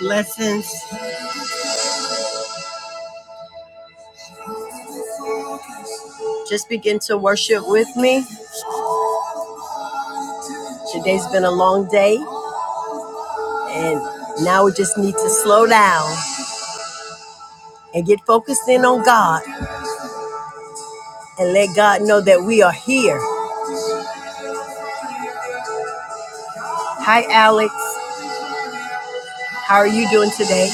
Blessings. Just begin to worship with me. Today's been a long day, and now we just need to slow down and get focused in on God and let God know that we are here. Hi, Alex. How are you doing today?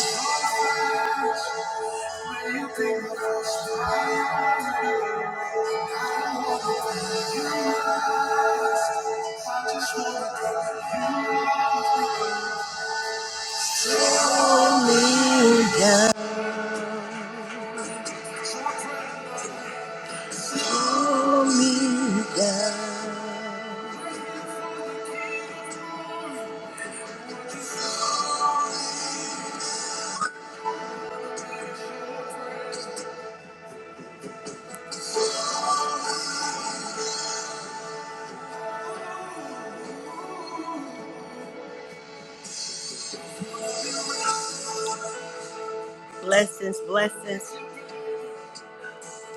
Blessings, blessings.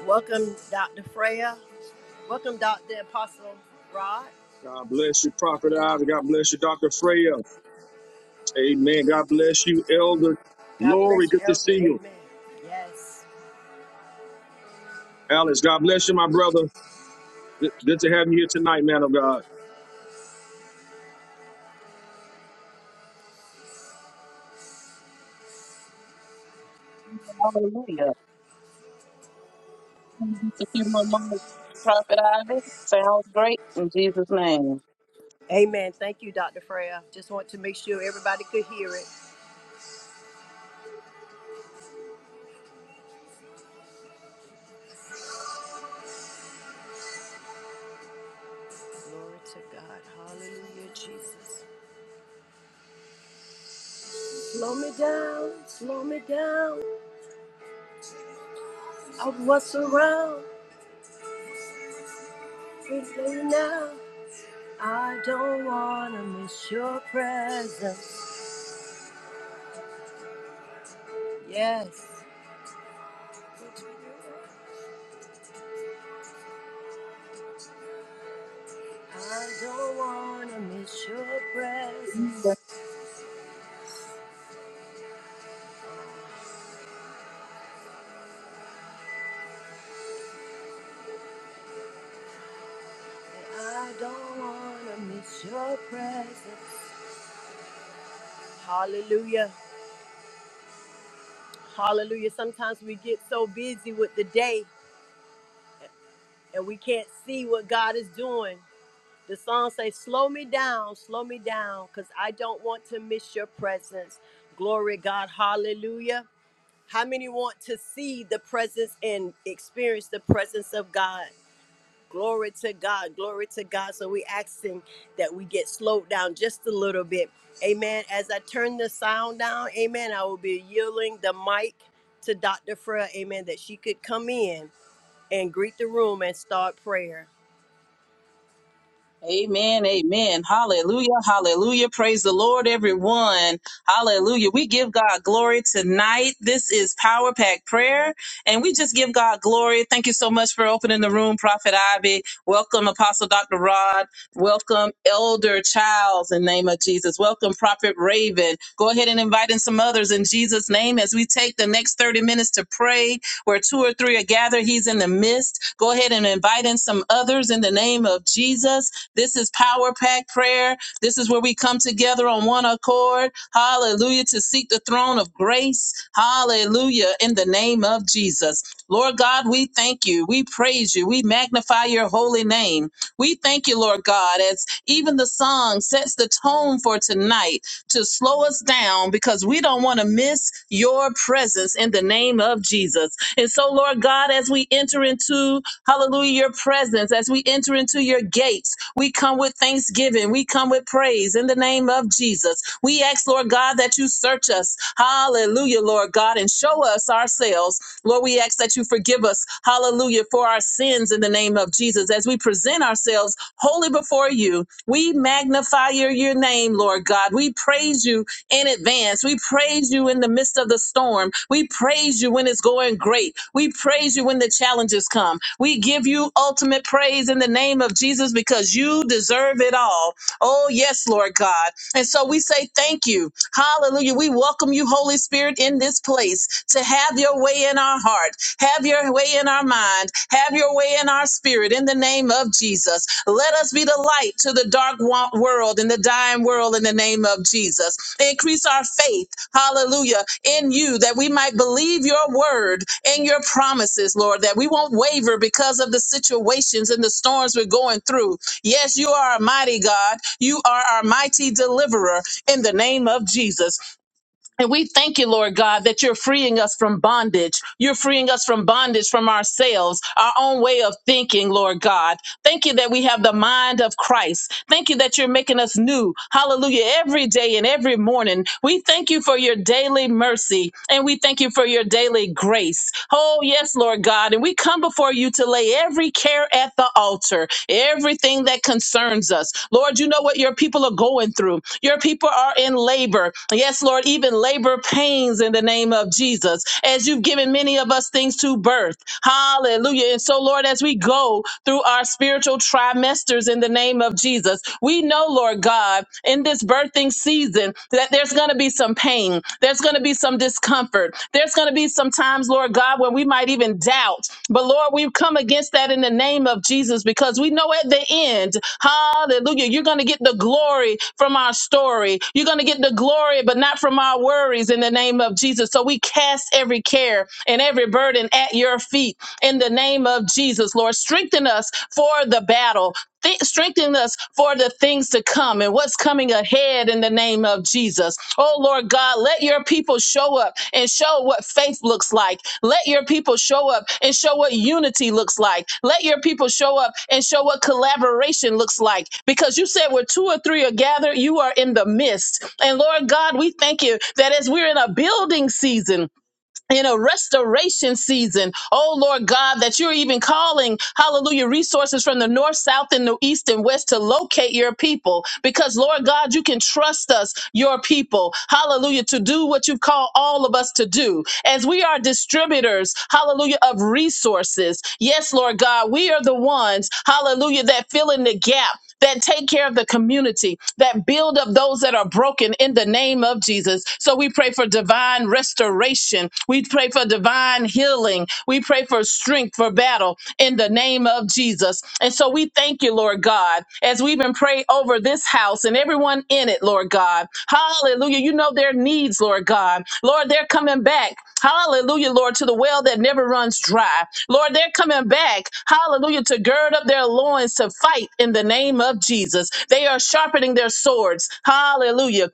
Welcome, Dr. Freya. Welcome, Dr. Apostle Rod. God bless you, Prophet Isaac. God bless you, Dr. Freya. Amen. God bless you, Elder God Lori. bless you, Good to Elder. see you. Amen. Yes. Alice, God bless you, my brother. Good good to have you here tonight, man of God. Hallelujah. Just a few more moments, Prophet Ivy. Sounds great in Jesus' name. Amen. Thank you, Dr. Freya. Just want to make sure everybody could hear it. Glory to God. Hallelujah, Jesus. Slow me down, slow me down. Of what's around, please let me now. I don't want to miss your presence. Yes. I don't want to miss your presence. I don't want to miss your presence. Hallelujah. Hallelujah. Sometimes we get so busy with the day and we can't see what God is doing. The song says, Slow me down, slow me down, because I don't want to miss your presence. Glory to God, hallelujah. How many want to see the presence and experience the presence of God? Glory to God, glory to God. So we asking that we get slowed down just a little bit. Amen. As I turn the sound down, amen, I will be yielding the mic to Dr. Freya, amen, that she could come in and greet the room and start prayer. Amen. Amen. Hallelujah. Hallelujah. Praise the Lord, everyone. Hallelujah. We give God glory tonight. This is Power Pack Prayer, and we just give God glory. Thank you so much for opening the room, Prophet Ivy. Welcome, Apostle Dr. Rod. Welcome, Elder Childs, in the name of Jesus. Welcome, Prophet Raven. Go ahead and invite in some others in Jesus' name as we take the next 30 minutes to pray where two or three are gathered. He's in the midst. Go ahead and invite in some others in the name of Jesus. This is Power Pack Prayer. This is where we come together on one accord. Hallelujah. To seek the throne of grace. Hallelujah. In the name of Jesus. Lord God, we thank you. We praise you. We magnify your holy name. We thank you, Lord God, as even the song sets the tone for tonight to slow us down because we don't want to miss your presence in the name of Jesus. And so, Lord God, as we enter into, hallelujah, your presence, as we enter into your gates, we come with thanksgiving. We come with praise in the name of Jesus. We ask, Lord God, that you search us. Hallelujah, Lord God, and show us ourselves. Lord, we ask that you forgive us. Hallelujah, for our sins in the name of Jesus. As we present ourselves wholly before you, we magnify your, your name, Lord God. We praise you in advance. We praise you in the midst of the storm. We praise you when it's going great. We praise you when the challenges come. We give you ultimate praise in the name of Jesus because you deserve it all. Oh, yes, Lord God. And so we say thank you. Hallelujah. We welcome you, Holy Spirit, in this place to have your way in our heart. Have your way in our mind. Have your way in our spirit in the name of Jesus. Let us be the light to the dark wa- world and the dying world in the name of Jesus. Increase our faith, hallelujah, in you that we might believe your word and your promises, Lord, that we won't waver because of the situations and the storms we're going through. Yes, you are a mighty God. You are our mighty deliverer in the name of Jesus. And we thank you, Lord God, that you're freeing us from bondage. You're freeing us from bondage from ourselves, our own way of thinking, Lord God. Thank you that we have the mind of Christ. Thank you that you're making us new. Hallelujah. Every day and every morning. We thank you for your daily mercy and we thank you for your daily grace. Oh, yes, Lord God. And we come before you to lay every every care at the altar, everything that concerns us. Lord, you know what your people are going through. Your people are in labor. Yes, Lord, even labor pains in the name of Jesus, as you've given many of us things to birth. Hallelujah. And so, Lord, as we go through our spiritual trimesters in the name of Jesus, we know, Lord God, in this birthing season, season that there's going to be some pain. There's going to be some discomfort. There's going to be some times, Lord God, when we might even doubt. But Lord, we've come against that in the name of Jesus because we know at the end, hallelujah, you're going to get the glory from our story. You're going to get the glory, but not from our worries in the name of Jesus. So we cast every care and every burden at your feet in the name of Jesus, Lord. Strengthen us for the battle. Th- strengthen us for the things to come and what's coming ahead in the name of Jesus. Oh, Lord God, let your people show up and show what faith looks like. Let your people show up and show what unity looks like. Let your people show up and show what collaboration looks like. Because you said where two or three are gathered, you are in the midst. And Lord God, we thank you that as we're in a building season, in a restoration season. Oh Lord God, that you're even calling, hallelujah, resources from the north, south, and the east and west to locate your people. Because Lord God, you can trust us, your people, hallelujah, to do what you've called all of us to do. As we are distributors, hallelujah, of resources. Yes, Lord God, we are the ones, hallelujah, that fill in the gap that take care of the community, that build up those that are broken in the name of Jesus. So we pray for divine restoration. We pray for divine healing. We pray for strength for battle in the name of Jesus. And so we thank you, Lord God, as we even pray over this house and everyone in it, Lord God. Hallelujah. You know their needs, Lord God. Lord, they're coming back. Hallelujah, Lord, to the well that never runs dry. Lord, they're coming back. Hallelujah, to gird up their loins to fight in the name of Jesus. They are sharpening their swords. Hallelujah.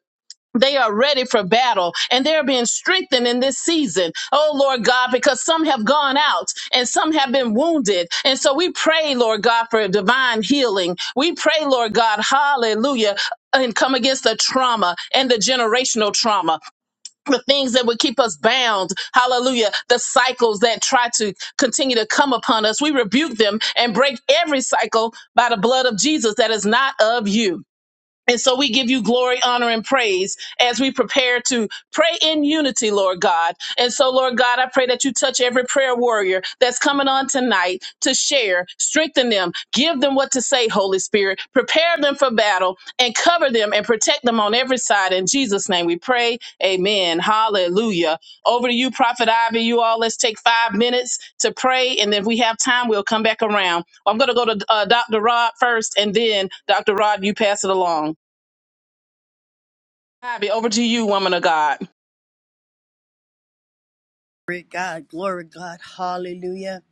They are ready for battle and they're being strengthened in this season. Oh, Lord God, because some have gone out and some have been wounded. And so we pray, Lord God, for divine healing. We pray, Lord God, hallelujah, and come against the trauma and the generational trauma the things that would keep us bound. Hallelujah. The cycles that try to continue to come upon us, we rebuke them and break every cycle by the blood of Jesus that is not of you. And so we give you glory, honor, and praise as we prepare to pray in unity, Lord God. And so, Lord God, I pray that you touch every prayer warrior that's coming on tonight to share, strengthen them, give them what to say, Holy Spirit, prepare them for battle, and cover them and protect them on every side. In Jesus' name we pray. Amen. Hallelujah. Over to you, Prophet Ivy. You all, let's take five minutes to pray. And if we have time, we'll come back around. I'm going to go to uh, Dr. Rod first, and then Dr. Rod, you pass it along. Bobby, over to you, woman of God. Glory God, glory God, hallelujah.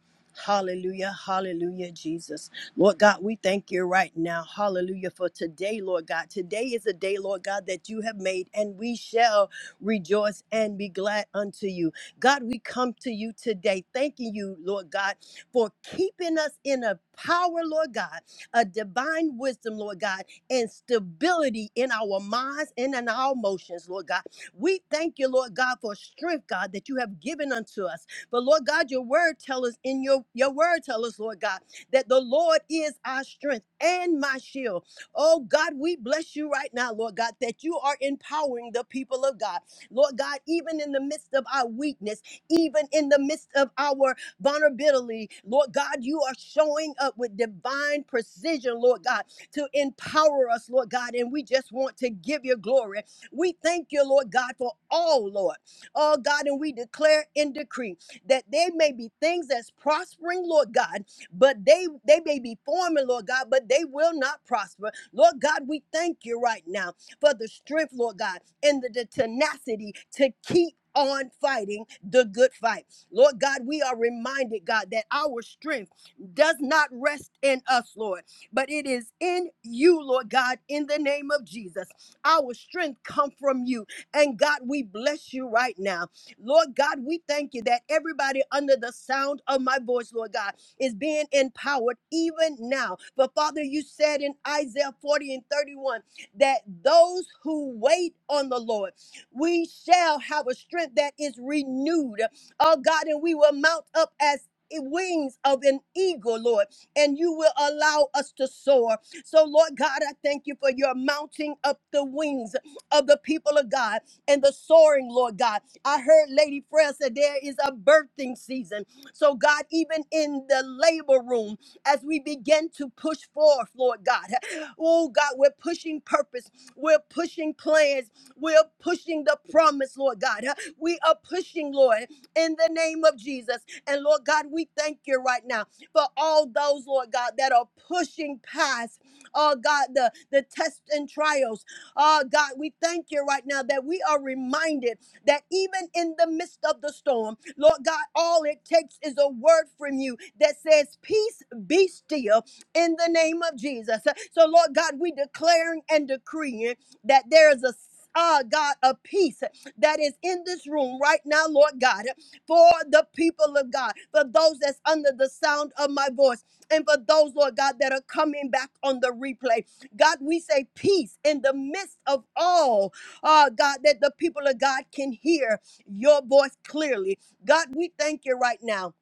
Hallelujah, hallelujah, Jesus. Lord God, we thank you right now. Hallelujah for today, Lord God. Today is a day, Lord God, that you have made, and we shall rejoice and be glad unto you. God, we come to you today, thanking you, Lord God, for keeping us in a power, Lord God, a divine wisdom, Lord God, and stability in our minds and in our emotions, Lord God. We thank you, Lord God, for strength, God, that you have given unto us. But Lord God, your word tell us in your your word tell us, Lord God, that the Lord is our strength and my shield. Oh God, we bless you right now, Lord God, that you are empowering the people of God. Lord God, even in the midst of our weakness, even in the midst of our vulnerability, Lord God, you are showing up with divine precision, Lord God, to empower us, Lord God. And we just want to give you glory. We thank you, Lord God, for all, Lord. Oh, God, and we declare and decree that there may be things that's prospering, Lord God, but they, they may be forming, Lord God, but they will not prosper. Lord God, we thank you right now for the strength, Lord God, and the, the tenacity to keep on fighting the good fight. Lord God, we are reminded, God, that our strength does not rest in us, Lord, but it is in you, Lord God, in the name of Jesus. Our strength come from you. And God, we bless you right now. Lord God, we thank you that everybody under the sound of my voice, Lord God, is being empowered even now. But Father, you said in Isaiah 40 and 31 that those who wait on the Lord, we shall have a strength that is renewed. Oh God, and we will mount up as wings of an eagle, Lord, and you will allow us to soar. So, Lord God, I thank you for your mounting up the wings of the people of God and the soaring, Lord God. I heard Lady Freya said there is a birthing season. So, God, even in the labor room, as we begin to push forth, Lord God, oh God, we're pushing purpose, we're pushing plans, we're pushing the promise, Lord God. We are pushing, Lord, in the name of Jesus. And Lord God, we thank you right now for all those, Lord God, that are pushing past oh God, the, the tests and trials. Oh God, we thank you right now that we are reminded that even in the midst of the storm, Lord God, all it takes is a word from you that says, Peace be still in the name of Jesus. So, Lord God, we declaring and decreeing that there is a uh, God, a peace that is in this room right now, Lord God, for the people of God, for those that's under the sound of my voice and for those, Lord God, that are coming back on the replay. God, we say peace in the midst of all, uh, God, that the people of God can hear your voice clearly. God, we thank you right now.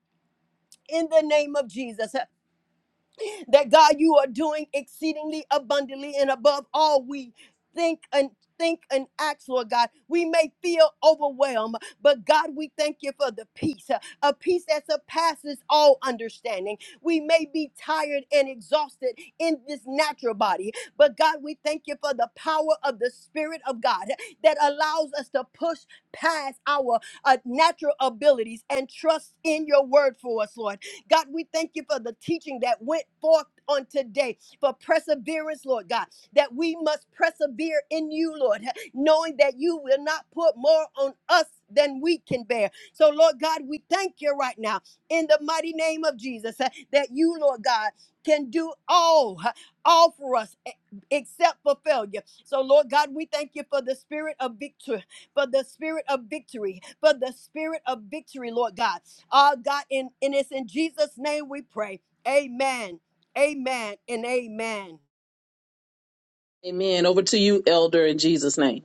In the name of Jesus that God, you are doing exceedingly abundantly and above all we think and think and act, Lord God. We may feel overwhelmed, but God, we thank you for the peace, uh, a peace that surpasses all understanding. We may be tired and exhausted in this natural body, but God, we thank you for the power of the Spirit of God that allows us to push past our uh, natural abilities and trust in your word for us, Lord. God, we thank you for the teaching that went forth on today for perseverance, Lord God, that we must persevere in you, Lord, knowing that you will not put more on us than we can bear. So, Lord God, we thank you right now in the mighty name of Jesus uh, that you, Lord God, can do all, uh, all for us e- except for failure. So, Lord God, we thank you for the spirit of victory, for the spirit of victory, for the spirit of victory, Lord God. Uh, God, and, and it's in Jesus' name we pray. Amen. Amen and amen. Amen. Over to you, elder, in Jesus' name.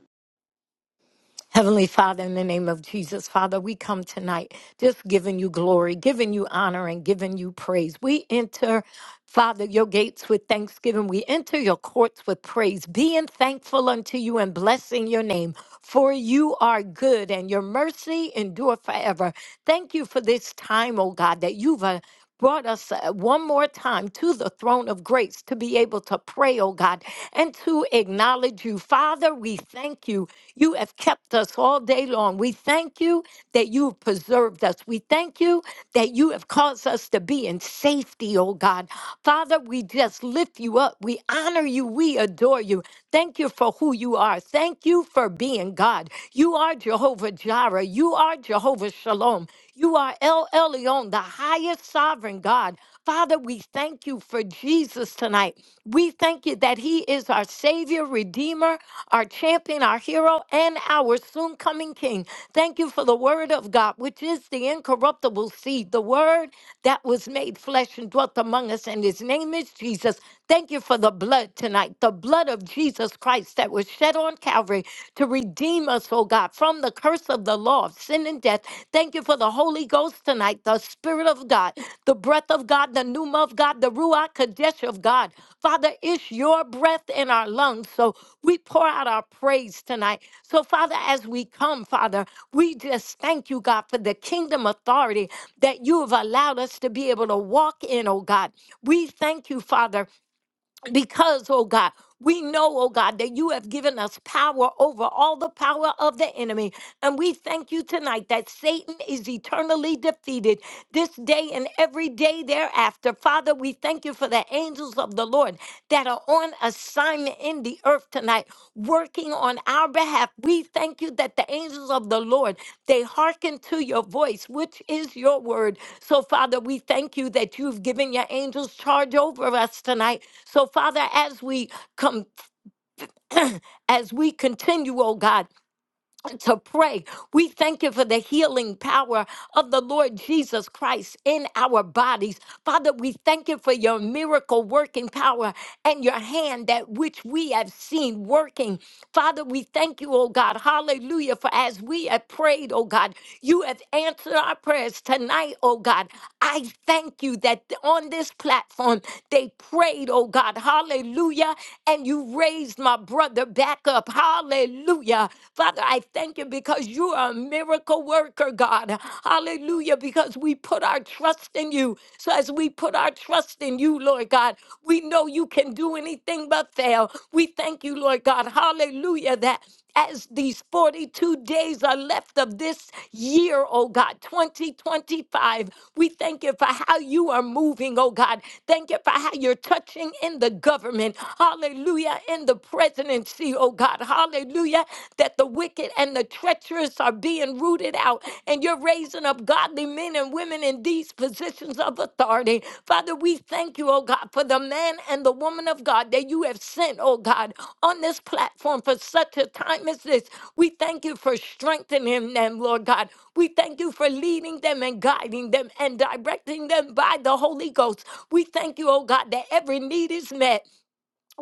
Heavenly Father, in the name of Jesus, Father, we come tonight just giving you glory, giving you honor, and giving you praise. We enter, Father, your gates with thanksgiving. We enter your courts with praise, being thankful unto you and blessing your name. For you are good and your mercy endure forever. Thank you for this time, O God, that you've uh, brought us uh, one more time to the throne of grace to be able to pray, oh God, and to acknowledge you. Father, we thank you. You have kept us all day long. We thank you that you have preserved us. We thank you that you have caused us to be in safety, oh God. Father, we just lift you up. We honor you. We adore you. Thank you for who you are. Thank you for being God. You are Jehovah Jireh. You are Jehovah Shalom. You are El Elyon, the highest sovereign God. Father, we thank you for Jesus tonight. We thank you that he is our Savior, Redeemer, our champion, our hero, and our soon coming King. Thank you for the Word of God, which is the incorruptible seed, the Word that was made flesh and dwelt among us, and his name is Jesus. Thank you for the blood tonight, the blood of Jesus Christ that was shed bled on Calvary to redeem us, oh God, from the curse of the law of sin and death. Thank you for the Holy Ghost tonight, the Spirit of God, the breath of God, the pneuma of God, the Ruach Kadesh of God. Father, it's your breath in our lungs. So we pour out our praise tonight. So, Father, as we come, Father, we just thank you, God, for the kingdom authority that you have allowed us to be able to walk in, oh God. We thank you, Father because, oh God, we know, oh God, that you have given us power over all the power of the enemy. And we thank you tonight that Satan is eternally defeated this day and every day thereafter. Father, we thank you for the angels of the Lord that are on assignment in the earth tonight, working on our behalf. We thank you that the angels of the Lord they hearken to your voice, which is your word. So, Father, we thank you that you've given your angels charge over us tonight. So, Father, as we come, as we continue, oh God on to pray. We thank you for the healing power of the Lord Jesus Christ in our bodies. Father, we thank you for your miracle working power and your hand that which we have seen working. Father, we thank you, oh God. Hallelujah. For as we have prayed, oh God, you have answered our prayers tonight, oh God. I thank you that on this platform they prayed, oh God, hallelujah, and you raised my brother back up, hallelujah. Father, I thank you because you are a miracle worker, God, hallelujah, because we put our trust in you. So as we put our trust in you, Lord God, we know you can do anything but fail. We thank you, Lord God, hallelujah, that as these 42 days are left of this year, oh God, 2025. We thank you for how you are moving, oh God. Thank you for how you're touching in the government. Hallelujah. In the presidency, oh God. Hallelujah. That the wicked and the treacherous are being rooted out and you're raising up godly men and and women in these positions of authority. Father, we thank you, oh God, for the man and the woman of God that you have sent, oh God, on this platform for such a time as this. We thank you for strengthening them, Lord God. We thank you for leading them and guiding them and directing them by the Holy Ghost. We thank you, oh God, that every need is met.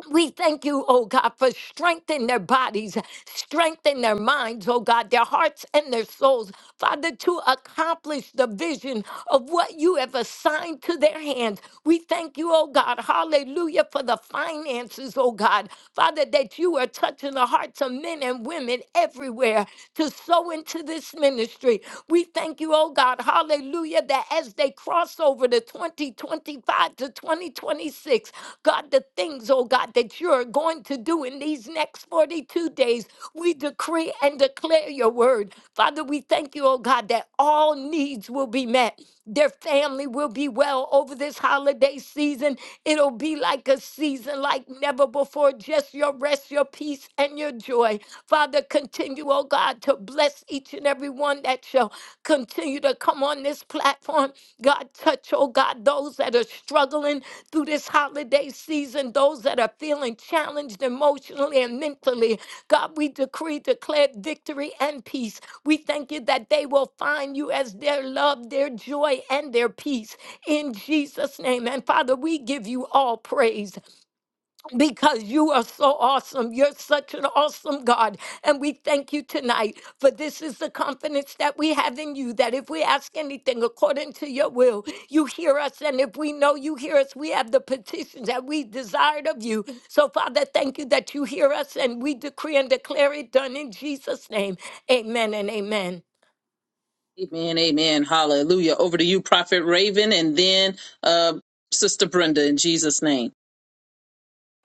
We thank you, oh God, for strengthening their bodies, strengthening their minds, oh God, their hearts and their souls, Father, to accomplish the vision of what you have assigned to their hands. We thank you, oh God, hallelujah, for the finances, oh God, Father, that you are touching the hearts of men and women everywhere to sow into this ministry. We thank you, oh God, hallelujah Hallelujah. That as they cross over to 2025 to 2026, God, the things, oh God, that you're going to do in these next 42 days, we decree and declare your word. Father, we thank you, oh God, that all needs will be met. Their family will be well over this holiday season. It'll be like a season like never before. Just your rest, your peace, and your joy. Father, continue, oh God, to bless each and every one that shall Continue to come on this platform. God, touch, oh God, those that are struggling through this holiday season, those that are feeling challenged emotionally and mentally. God, we decree, declare victory and peace. We thank you that they will find you as their love, their joy, and their peace in Jesus' name. And Father, we give you all praise because you are so awesome. You're such an awesome God. And we thank you tonight for this is the confidence that we have in you that if we ask anything according to your will, you hear us. And if we know you hear us, we have the petitions that we desired of you. So, Father, thank you that you hear us and we decree and declare it done in Jesus' name. Amen and amen. Amen. Amen. Hallelujah. Over to you, Prophet Raven, and then uh, Sister Brenda, in Jesus' name.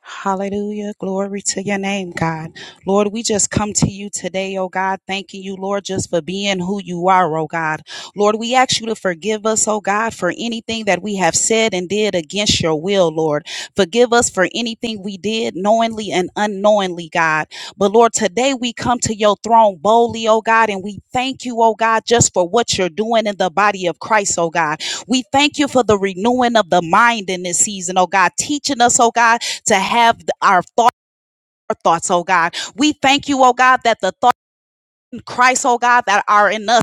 Hallelujah. Glory to your name, God. Lord, we just come to you today, oh God, thanking you, Lord, just for being who you are, oh God. Lord, we ask you to forgive us, oh God, for anything that we have said and did against your will, Lord. Forgive us for anything we did knowingly and unknowingly, God. But Lord, today we come to your throne boldly, oh God, and we thank you, oh God, just for what you're doing in the body of Christ, oh God. We thank you for the renewing of the mind in this season, oh God, teaching us, oh God, to have our thought our thoughts, oh God. We thank you, oh God, that the thought in Christ, oh God, that are in us.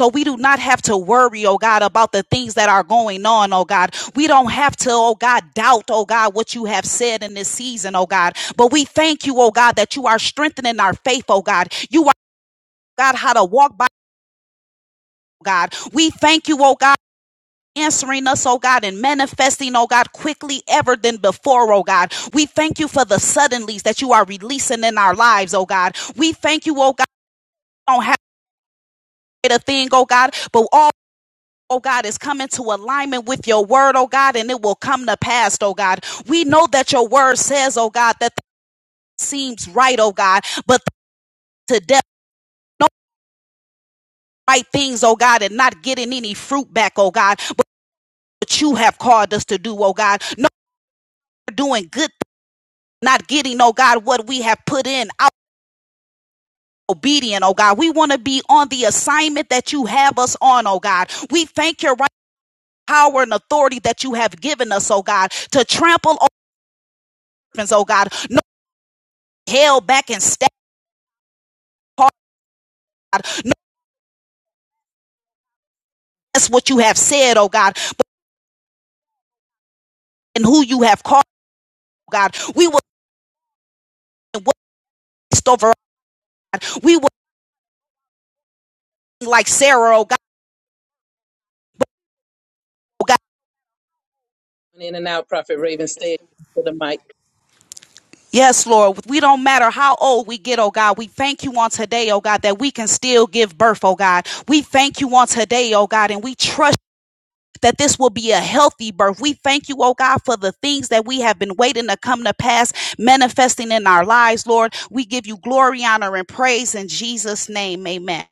So we do not have to worry, oh God, about the things that are going on, oh God. We don't have to, oh God, doubt, oh God, what you have said in this season, oh God. But we thank you, oh God, that you are strengthening our faith, oh God. You are God how to walk by. oh God, we thank you, oh God. answering us, oh God, and manifesting, oh God, quickly ever than before, oh God. We thank you for the suddenlies that you are releasing in our lives, oh God. We thank you, oh God, we don't have a thing, oh God, but all Oh God, is coming to alignment with your word, oh God, and it will come to pass, oh God. We know that your word says, oh God, that that seems right, oh God, but to death, no right things, oh God, and not getting any fruit back, oh God, but what you have called us to do, oh God. No, we're doing good not getting, oh God, what we have put in out. Obedient, oh God. We want to be on the assignment that you have us on, oh God. We thank your right power and authority that you have given us, oh God, to trample orphans, oh God. No held back and stabbed hard, oh God. No, that's what you have said, oh God, and who you have called, oh God. We will waste over, oh God. We will like Sarah, oh God. Oh God. In and out, Prophet Raven, stay for the mic. Yes, Lord. We don't matter how old we get, oh God. We thank you on today, oh God, that we can still give birth, oh God. We thank you on today, oh God, and we trust that this will be a healthy birth. We thank you, oh God, for the things that we have been waiting to come to pass, manifesting in our lives, Lord. We give you glory, honor, and praise in Jesus' name. Amen.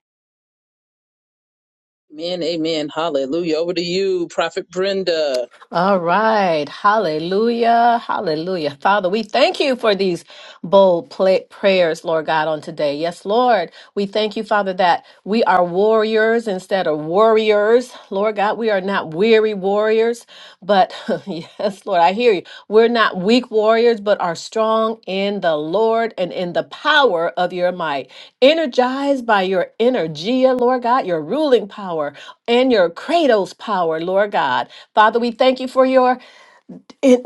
Amen. Amen. Hallelujah. Over to you, Prophet Brenda. All right. Hallelujah. Hallelujah. Father, we thank you for these bold pla- prayers, Lord God, on today. Yes, Lord. We thank you, Father, that we are warriors instead of warriors. Lord God, we are not weary warriors, but yes, Lord, I hear you. We're not weak warriors, but are strong in the Lord and in the power of your might. Energized by your energia, Lord God, your ruling power and your kratos power, Lord God. Father, we thank you for your it,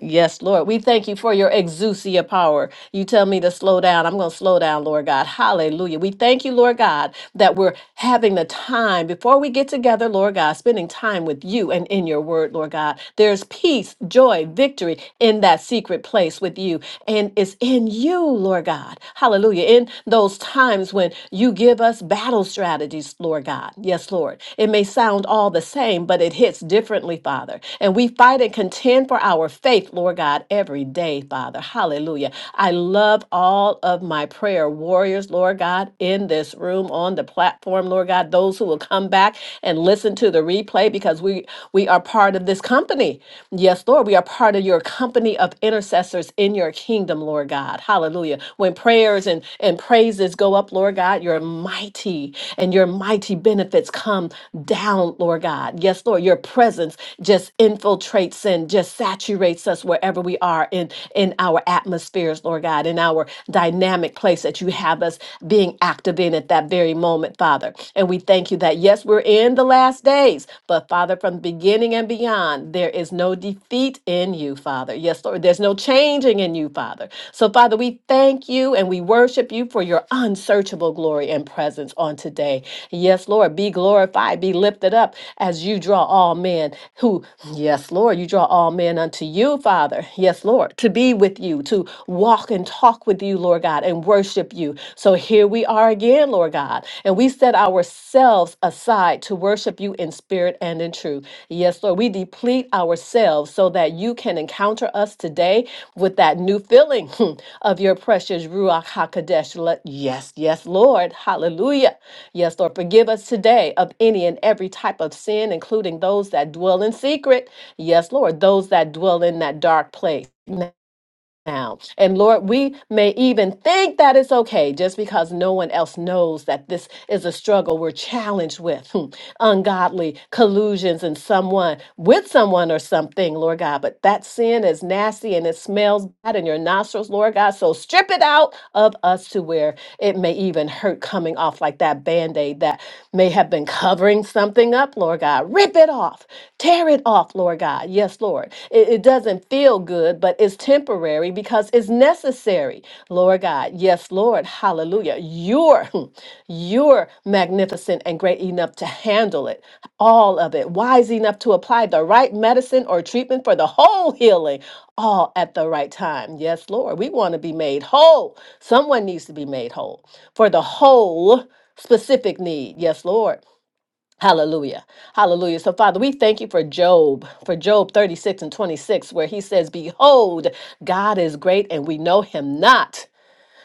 yes, Lord. We thank you for your exousia power. You tell me to slow down. I'm going to slow down, Lord God. Hallelujah. We thank you, Lord God, that we're having the time before we get together, Lord God, spending time with you and in your word, Lord God. There's peace, joy, victory in that secret place with you. And it's in you, Lord God. Hallelujah. In those times when you give us battle strategies, Lord God. Yes, Lord. It may sound all the same, but it hits differently, Father. And we fight and contend for our faith, Lord God, every day, Father. Hallelujah. I love all of my prayer warriors, Lord God, in this room, on the platform, Lord God, those who will come back and listen to the replay because we we are part of this company. Yes, Lord, we are part of your company of intercessors in your kingdom, Lord God. Hallelujah. When prayers and and praise praises go up, Lord God, you're mighty and your mighty benefits come down, Lord God. Yes, Lord, your presence just infiltrates and just saturates us wherever we are in, in our atmospheres, Lord God, in our dynamic place that you have us being active in at that very moment, Father. And we thank you that, yes, we're in the last days, but Father, from the beginning and beyond, there is no defeat in you, Father. Yes, Lord, there's no there's no changing in you, Father. So, Father, we thank you and we worship you for your unsearchable glory and presence on today. Yes, Lord, be glorified, be lifted up as you draw all men who, yes, Lord, you draw all men unto you, Father. Yes, Lord, to be with you, to walk and talk with you, Lord God, and worship you. So here we are again, Lord God, and we set ourselves aside to worship you in spirit and in truth. Yes, Lord, we deplete ourselves so that you can encounter us today with that new filling hmm, of your precious Ruach HaKodesh. Let- Yes, yes, Lord. Hallelujah. Yes, Lord, forgive us today of any and every type of sin, including those that dwell in secret. Yes, Lord, those that dwell in that dark place now. And Lord, we may even think that it's okay just because no one else knows that this is a struggle we're challenged with hmm, ungodly collusions and someone with someone or something, Lord God. But that sin is nasty and it smells bad in your nostrils, Lord God. So strip it out of us to where it may even hurt coming off like that band aid that may have been covering something up, Lord God. Rip it off, tear it off, Lord God. Yes, Lord. It, it doesn't feel good, but it's temporary because it's necessary, Lord God. Yes, Lord. Hallelujah. You're, you're magnificent and great enough to handle it, all of it, wise enough to apply the right medicine or treatment for the whole healing, all at the right time. Yes, Lord. We want to be made whole Someone needs to be made whole for the whole specific need. Yes, Lord. Hallelujah. Hallelujah. So, Father, we thank you for Job, for Job 36 and 26, where he says, Behold, God is great and we know him not.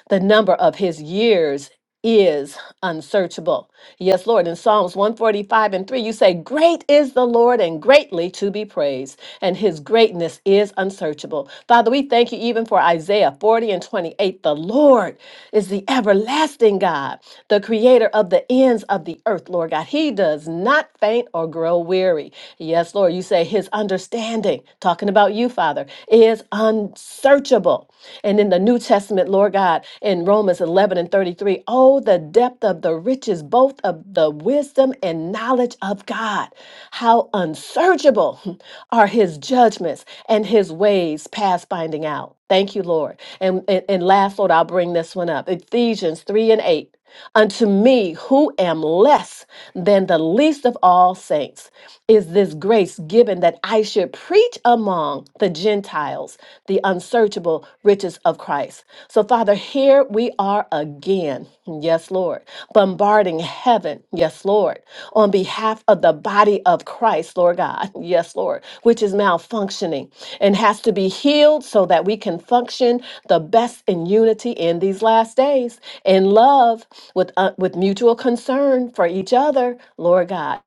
The number of his years is unsearchable. Yes, Lord. In Psalms 145 and 3, you say, Great is the Lord and greatly to be praised, and his greatness is unsearchable. Father, we thank you even for Isaiah 40 and 28. The Lord is the everlasting God, the creator of the ends of the earth, Lord God. He does not faint or grow weary. Yes, Lord, you say his understanding, talking about you, Father, is unsearchable. And in the New Testament, Testament, Lord God, in Romans 11 and 33. Oh, the depth of the riches, both of the wisdom and knowledge of God. How unsearchable are his judgments and his ways past finding out. Thank you, Lord. And, and, and last, Lord, I'll bring this one up Ephesians 3 and 8. Unto me, who am less than the least of all saints, is this grace given that I should preach among the Gentiles the unsearchable riches of Christ. So, Father, here we are again. Yes, Lord. Bombarding heaven. Yes, Lord. On behalf of the body of Christ, Lord God. Yes, Lord. Which is malfunctioning and has to be healed so that we can function the best in unity in these last days, in love, with, uh, with mutual concern for each other, Lord God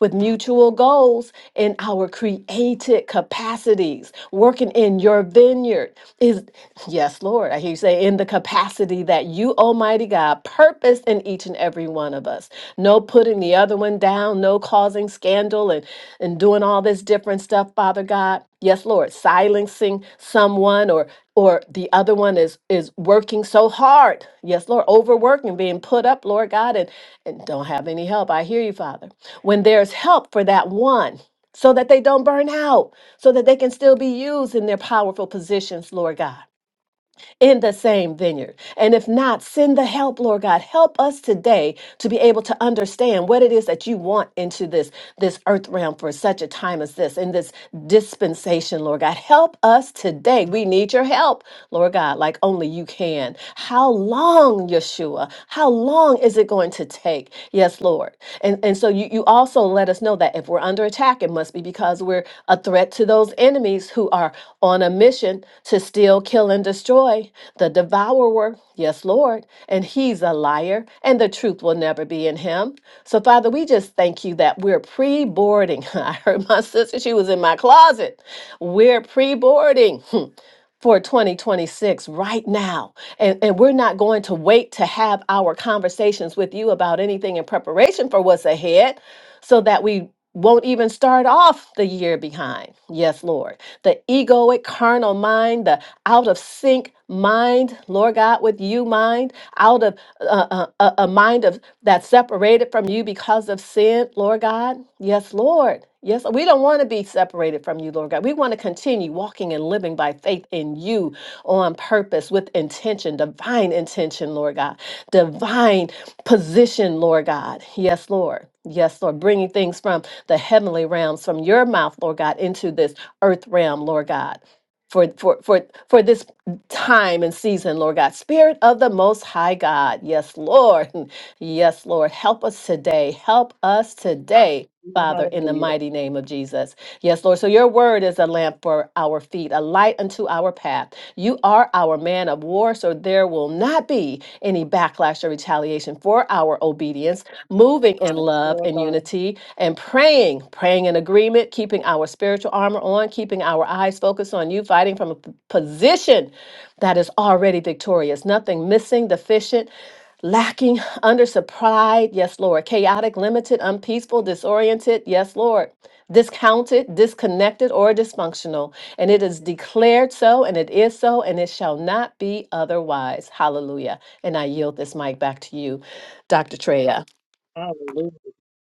with mutual goals in our created capacities, working in your vineyard is, yes, Lord, I hear you say, in the capacity that you, Almighty God, purposed in each and every one of us. No putting the other one down, no causing scandal and, and doing all this different stuff, Father God. Yes, Lord, silencing someone or or the other one is is working so hard. Yes, Lord, overworking, being put up, Lord God, and, and don't have any help. I hear you, Father when there's help for that one so that they don't burn out, so that they can still be used in their powerful positions, Lord God, in the same vineyard. And if not, send the help, Lord God. Help us today to be able to understand what it is that you want into this, this earth realm for such a time as this, in this dispensation, Lord God. Help us today. We need your help. Lord God, like only you can. How long, Yeshua? How long is it going to take? Yes, Lord. And and so you, you also let us know that if we're under attack, it must be because we're a threat to those enemies who are on a mission to steal, kill, and destroy the devourer. Yes, Lord. And he's a liar, and the truth will never be in him. So, Father, we just thank you that we're pre boarding. I heard my sister, she was in my closet. We're pre boarding. for 2026 right now. And, and we're not going to wait to have our conversations with you about anything in preparation for what's ahead so that we won't even start off the year behind. Yes, Lord. The egoic, carnal mind, the out of sync mind, Lord God, with you mind out of uh, uh, a, a mind of that's separated from you because of sin, Lord God. Yes, Lord. Yes, we don't want to be separated from you, Lord God. We want to continue walking and living by faith in you on purpose with intention, divine intention, Lord God, divine position, Lord God. Yes, Lord. Yes, Lord. Bringing things from the heavenly realms, from your mouth, Lord God, into this earth realm, Lord God. For, for for for this time and season, Lord God. Spirit of the Most High God. Yes, Lord. Yes, Lord. Help us today. Help us today. Father, in the Hallelujah. mighty name of Jesus. Yes, Lord. So your word is a lamp for our feet, a light unto our path. You are our man of war, so there will not be any backlash or retaliation for our obedience, moving in Yes, love Lord and God. unity and praying, praying in agreement, keeping our spiritual armor on, keeping our eyes focused on you, fighting from a p- position that is already victorious, nothing missing, deficient, lacking, undersupplied, yes, Lord, chaotic, limited, unpeaceful, disoriented, yes, Lord, discounted, disconnected, or dysfunctional. And it is declared so, and it is so, and it shall not be otherwise. Hallelujah. And I yield this mic back to you, Dr. Treya. Hallelujah.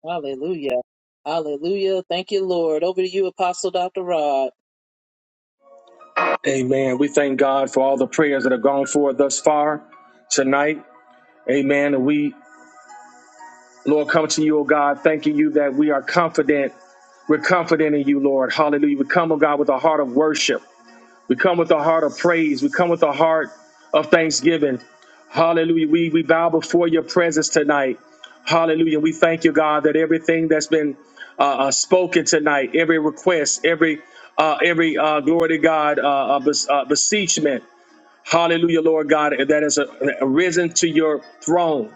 Hallelujah. Hallelujah. Thank you, Lord. Over to you, Apostle Dr. Rod. Amen. We thank God for all the prayers that have gone forth thus far tonight. Amen. And we, Lord, come to you, O God, thanking you that we are confident. We're confident in you, Lord. Hallelujah. We come, O God, with a heart of worship. We come with a heart of praise. We come with a heart of thanksgiving. Hallelujah. We, we bow before your presence tonight. Hallelujah. We thank you, God, that everything that's been uh, uh, spoken tonight, every request, every uh, every uh, glory to God, uh, uh, bes- uh, beseechment. Hallelujah, Lord God, that has uh, arisen to your throne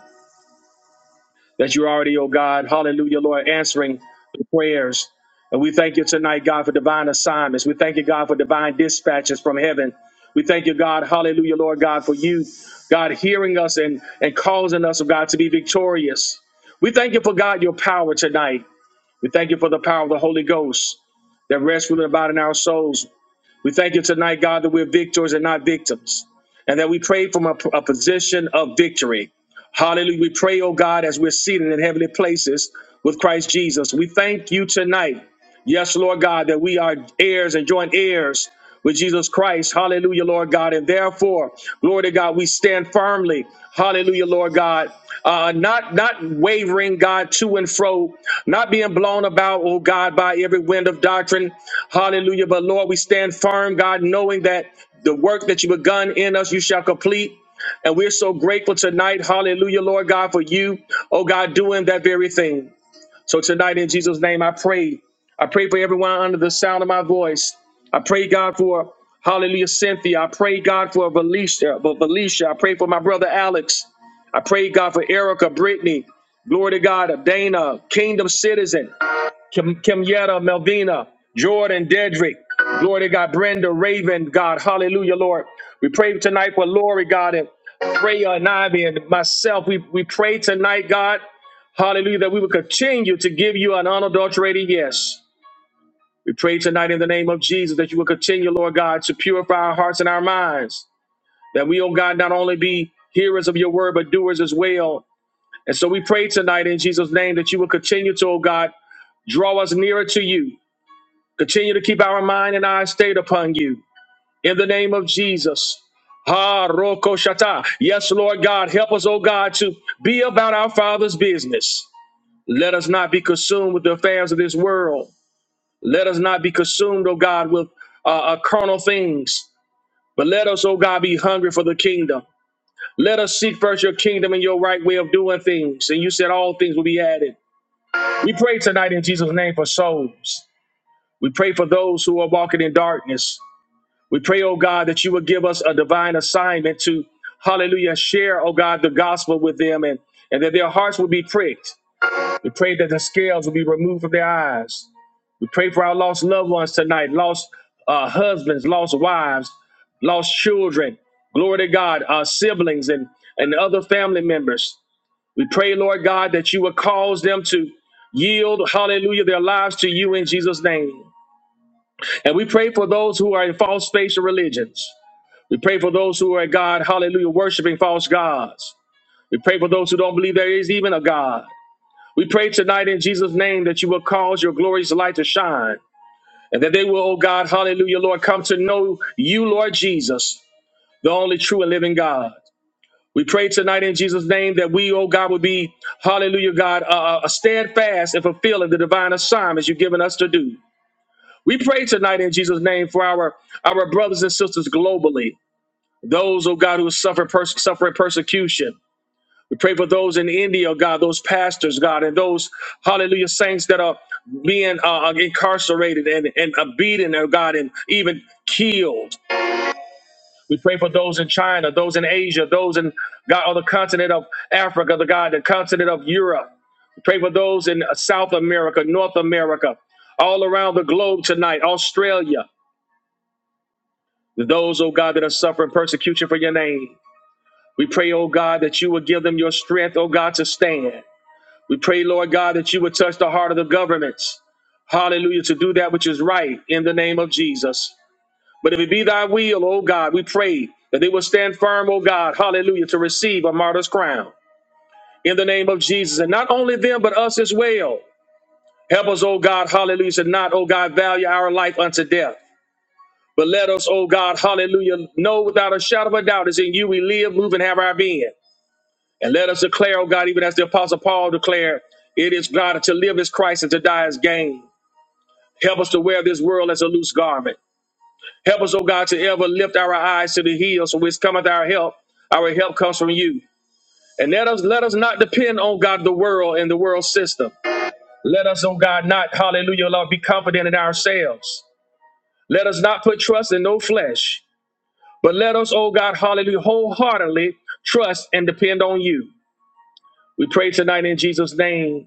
that you're already, oh God, hallelujah, Lord, answering the prayers. And we thank you tonight, God, for divine assignments. We thank you, God, for divine dispatches from heaven. We thank you, God, hallelujah, Lord God, for you, God, hearing us and, and causing us, oh God, to be victorious. We thank you for God, your power tonight. We thank you for the power of the Holy Ghost that rests, ruling about in our souls. We thank you tonight, God, that we're victors and not victims, and that we pray from a, a position of victory. Hallelujah. We pray, oh God, as we're seated in heavenly places with Christ Jesus. We thank you tonight. Yes, Lord God, that we are heirs and joint heirs with Jesus Christ. Hallelujah, Lord God. And therefore, glory to God, we stand firmly. Hallelujah, Lord God. Uh, not not wavering, God, to and fro, not being blown about, oh God, by every wind of doctrine. Hallelujah. But Lord, we stand firm, God, knowing that the work that you begun in us, you shall complete. And we're so grateful tonight. Hallelujah, Lord God, for you, oh God, doing that very thing. So tonight, in Jesus' name, I pray. I pray for everyone under the sound of my voice. I pray, God, for Hallelujah, Cynthia. I pray, God, for Valicia. for Valicia. I pray for my brother Alex. I pray, God, for Erica, Brittany. Glory to God, Dana, Kingdom Citizen. Kim, Kim Yetta, Melvina, Jordan, Dedrick. Glory to God. Brenda, Raven, God. Hallelujah, Lord. We pray tonight for Lori, God, and Freya and Ivy and myself. We, we pray tonight, God. Hallelujah, that we will continue to give you an unadulterated yes. We pray tonight in the name of Jesus that you will continue, Lord God, to purify our hearts and our minds. That we, oh God, not only be hearers of your word, but doers as well. And so we pray tonight in Jesus' name that you will continue to, oh God, draw us nearer to you. Continue to keep our mind and eyes stayed upon you. In the name of Jesus. Ha roko shata. Yes, Lord God, help us, oh God, to be about our Father's business. Let us not be consumed with the affairs of this world. Let us not be consumed, oh God, with uh, uh, carnal things. But let us, oh God, be hungry for the kingdom. Let us seek first your kingdom and your right way of doing things. And you said all things will be added. We pray tonight in Jesus' name for souls. We pray for those who are walking in darkness. We pray, oh God, that you would give us a divine assignment to, hallelujah, share, oh God, the gospel with them and, and that their hearts would be pricked. We pray that the scales will be removed from their eyes. We pray for our lost loved ones tonight, lost uh, husbands, lost wives, lost children, glory to God, our siblings and, and other family members. We pray, Lord God, that you would cause them to yield, hallelujah, their lives to you in Jesus' name. And we pray for those who are in false faith and religions. We pray for those who are at God, hallelujah, worshiping false gods. We pray for those who don't believe there is even a God. We pray tonight in Jesus' name that you will cause your glorious light to shine and that they will, oh God, hallelujah, Lord, come to know you, Lord Jesus, the only true and living God. We pray tonight in Jesus' name that we, oh God, would be, hallelujah, God, uh, uh, steadfast in fulfilling the divine assignments you've given us to do. We pray tonight in Jesus' name for our, our brothers and sisters globally. Those, oh God, who suffer pers- suffering persecution. We pray for those in India, oh God, those pastors, God, and those, hallelujah, saints that are being uh, uh, incarcerated and, and uh, beaten, oh God, and even killed. We pray for those in China, those in Asia, those in, God, on the continent of Africa, the God, the continent of Europe. We pray for those in uh, South America, North America, all around the globe tonight, Australia. Those, oh God, that are suffering persecution for your name. We pray, oh God, that you would give them your strength, oh God, to stand. We pray, Lord God, that you would touch the heart of the governments. Hallelujah, to do that which is right in the name of Jesus. But if it be thy will, oh God, we pray that they will stand firm, oh God, hallelujah, to receive a martyr's crown in the name of Jesus. And not only them, but us as well. Help us, oh God, hallelujah, to not, oh God, value our life unto death. But let us, oh God, hallelujah, know without a shadow of a doubt is in you we live, move, and have our being. And let us declare, oh God, even as the Apostle Paul declared, it is God to live is Christ and to die is gain. Help us to wear this world as a loose garment. Help us, oh God, to ever lift our eyes to the hills from which cometh our help. Our help comes from you. And let us let us not depend on God, the world, and the world system. Let us, oh God, not, hallelujah, Lord, be confident in ourselves. Let us not put trust in no flesh, but let us, oh God, hallelujah, wholeheartedly trust and depend on you. We pray tonight in Jesus' name.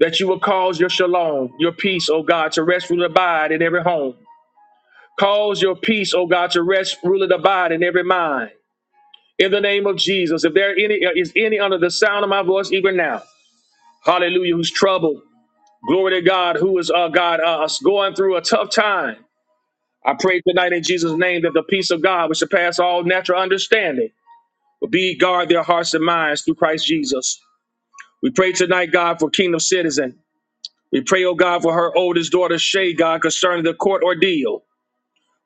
that you will cause your shalom, your peace, O God, to rest, rule, and abide in every home. Cause your peace, O God, to rest, rule, and abide in every mind. In the name of Jesus, if there are any uh, is any under the sound of my voice even now, Hallelujah, who's troubled, glory to God, who is uh, God uh, us going through a tough time. I pray tonight in Jesus' name that the peace of God, which surpasses all natural understanding, will be guard their hearts and minds through Christ Jesus. We pray tonight, God, for kingdom citizens. We pray, oh God, for her oldest daughter, Shay, God, concerning the court ordeal.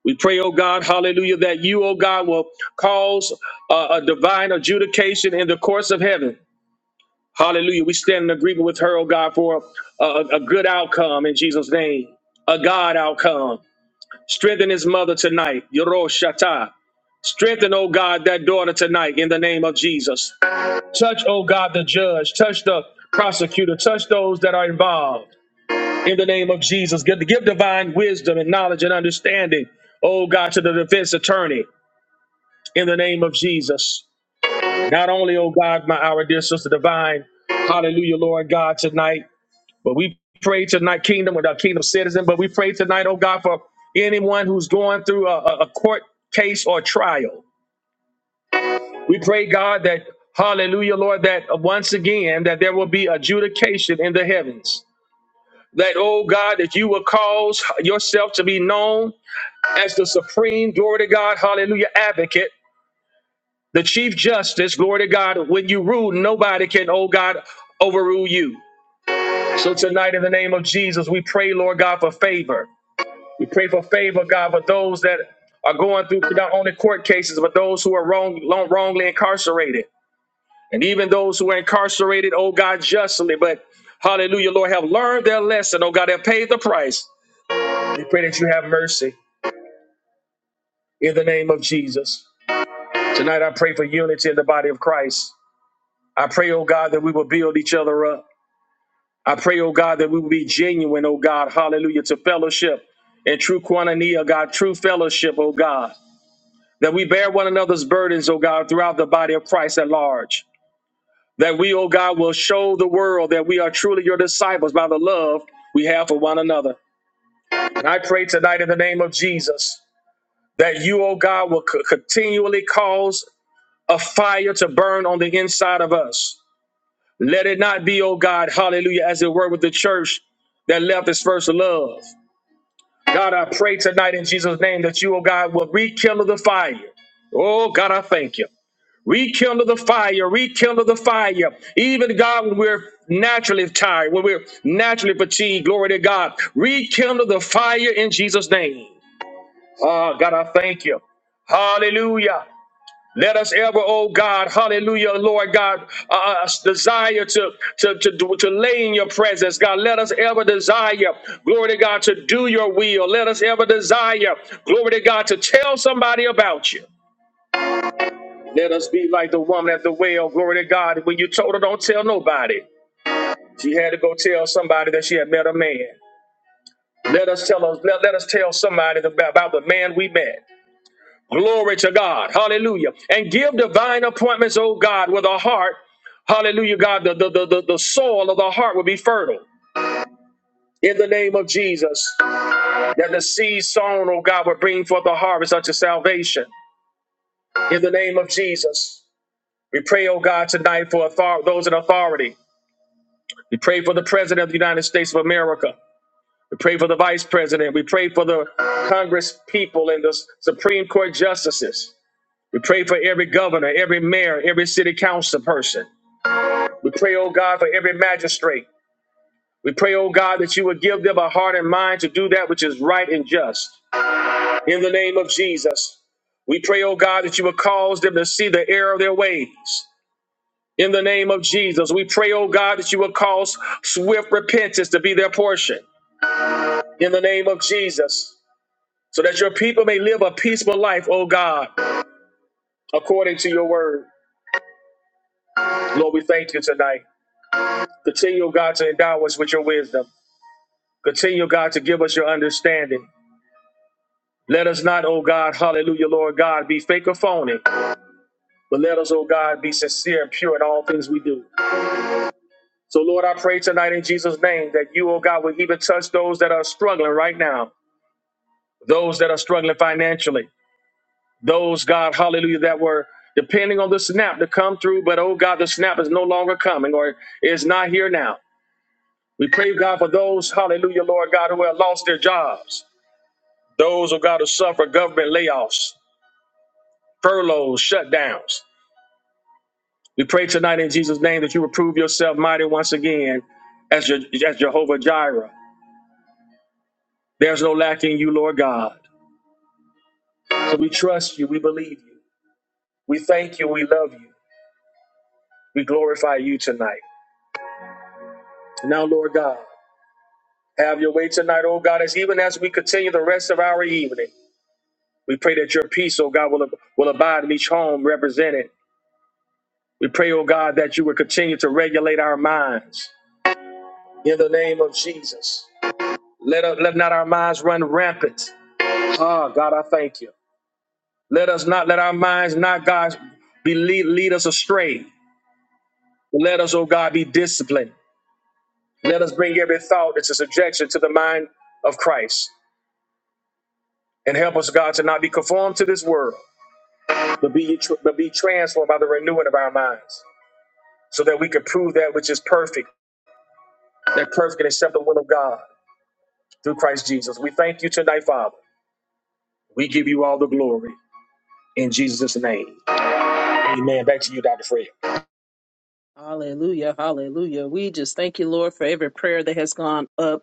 We pray, oh God, hallelujah, that you, oh God, will cause uh, a divine adjudication in the courts of heaven. Hallelujah. We stand in agreement with her, oh God, for a, a, a good outcome in Jesus' name, a God outcome. Strengthen his mother tonight, Yoroshata. Strengthen, oh God, that daughter tonight in the name of Jesus. Touch, oh God, the judge. Touch the prosecutor. Touch those that are involved. in the name of Jesus. Give, give divine wisdom and knowledge and understanding, oh God, to the defense attorney in the name of Jesus. Not only, oh God, my our dear sister divine, hallelujah, Lord God, tonight, but we pray tonight, kingdom with our kingdom citizen, but we pray tonight, oh God, for anyone who's going through a, a a court case or trial. We pray, God, that hallelujah, Lord, that uh, once again that there will be adjudication in the heavens. That, oh God, that you will cause yourself to be known as the supreme, glory to God, hallelujah, advocate, the chief justice, glory to God. When you rule, nobody can, oh God, overrule you. So tonight, in the name of Jesus, we pray, Lord God, for favor. We pray for favor, God, for those that are going through not only court cases, but those who are wrong, long- wrongly incarcerated. And even those who are incarcerated, oh God, justly, but hallelujah, Lord, have learned their lesson, oh God, have paid the price. We pray that you have mercy in the name of Jesus. Tonight, I pray for unity in the body of Christ. I pray, oh God, that we will build each other up. I pray, oh God, that we will be genuine, oh God, hallelujah, to fellowship and true quantity, oh God, true fellowship, oh God, that we bear one another's burdens, oh God, throughout the body of Christ at large. That we, oh God, will show the world that we are truly your disciples by the love we have for one another. And I pray tonight in the name of Jesus that you, oh God, will co- continually cause a fire to burn on the inside of us Let it not be, oh God, hallelujah, as it were with the church that left its first love. God, I pray tonight in Jesus' name that you, oh God, will rekindle the fire. Oh God, I thank you. Rekindle the fire, rekindle the fire. Even God, when we're naturally tired, when we're naturally fatigued, glory to God, rekindle the fire in Jesus' name. Oh God, I thank you. Hallelujah. Let us ever, oh God, hallelujah, Lord God, uh, uh, desire to, to, to, do- to lay in your presence, God. Let us ever desire, glory to God, to do your will. Let us ever desire, glory to God, to tell somebody about you. Let us be like the woman at the well, glory to God. When you told her, don't tell nobody, she had to go tell somebody that she had met a man. Let us tell us, let, let us tell somebody about the man we met. Glory to God. Hallelujah. And give divine appointments, oh God, with a heart. Hallelujah, God. The, the, the, the, the soil of the heart will be fertile. In the name of Jesus, that the seed sown, oh God, will bring forth the harvest unto salvation. In the name of Jesus, we pray, oh God, tonight for author- those in authority. We pray for the President of the United States of America. We pray for the Vice President. We pray for the Congress people and the Supreme Court justices. We pray for every governor, every mayor, every city council person. We pray, oh God, for every magistrate. We pray, oh God, that you would give them a heart and mind to do that which is right and just. In the name of Jesus, we pray, oh God, that you would cause them to see the error of their ways. In the name of Jesus, we pray, oh God, that you would cause swift repentance to be their portion. In the name of Jesus, so that your people may live a peaceful life, oh God, according to your word. Lord, we thank you tonight. Continue, O God, to endow us with your wisdom. Continue, O God, to give us your understanding. Let us not, O God, hallelujah, Lord God, be fake or phony, but let us, O God, be sincere and pure in all things we do. So, Lord, I pray tonight in Jesus' name that you, O God, would even touch those that are struggling right now, those that are struggling financially, those, God, hallelujah, that were depending on the snap to come through, but, oh God, the snap is no longer coming or is not here now. We pray, God, for those, hallelujah, Lord God, who have lost their jobs. Those who got to suffer government layoffs, furloughs, shutdowns. We pray tonight in Jesus' name that you will prove yourself mighty once again as, your, as Jehovah Jireh. There's no lack in you, Lord God. So we trust you. We believe you. We thank you. We love you. We glorify you tonight. Now, Lord God, have your way tonight, oh God, as even as we continue the rest of our evening. We pray that your peace, oh God, will, will abide in each home represented. We pray, oh God, that you will continue to regulate our minds. in the name of Jesus. Let, us, let not our minds run rampant. Oh, God, I thank you. Let us not let our minds not, God, be lead, lead us astray. Let us, oh God, be disciplined. Let us bring every thought into subjection to the mind of Christ. And help us, God, to not be conformed to this world, but be, but be transformed by the renewing of our minds, so that we can prove that which is perfect, that perfect and acceptable will of God through Christ Jesus. We thank you tonight, Father. We give you all the glory in Jesus' name. Amen. Back to you, Dr. Freya. Hallelujah. Hallelujah. We just thank you, Lord, for every prayer that has gone up.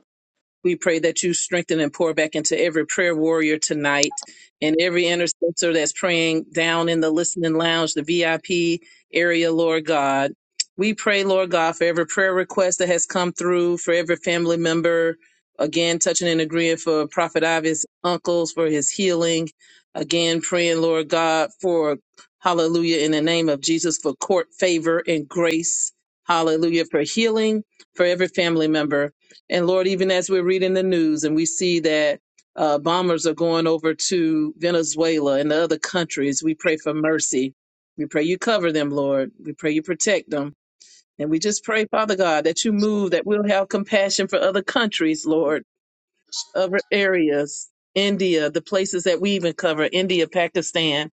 We pray that you strengthen and pour back into every prayer warrior tonight and every intercessor that's praying down in the listening lounge, the VIP area, Lord God. We pray, Lord God, for every prayer request that has come through, for every family member, again, touching and agreeing for Prophet Ivy's uncles for his healing. Again, praying, Lord God, for hallelujah, in the name of Jesus, for court favor and grace. Hallelujah, for healing for every family member. And Lord, even as we're reading the news and we see that uh, bombers are going over to Venezuela and the other countries, we pray for mercy. We pray you cover them, Lord. We pray you protect them. And we just pray, Father God, that you move, that we'll have compassion for other countries, Lord, other areas, India, the places that we even cover, India, Pakistan,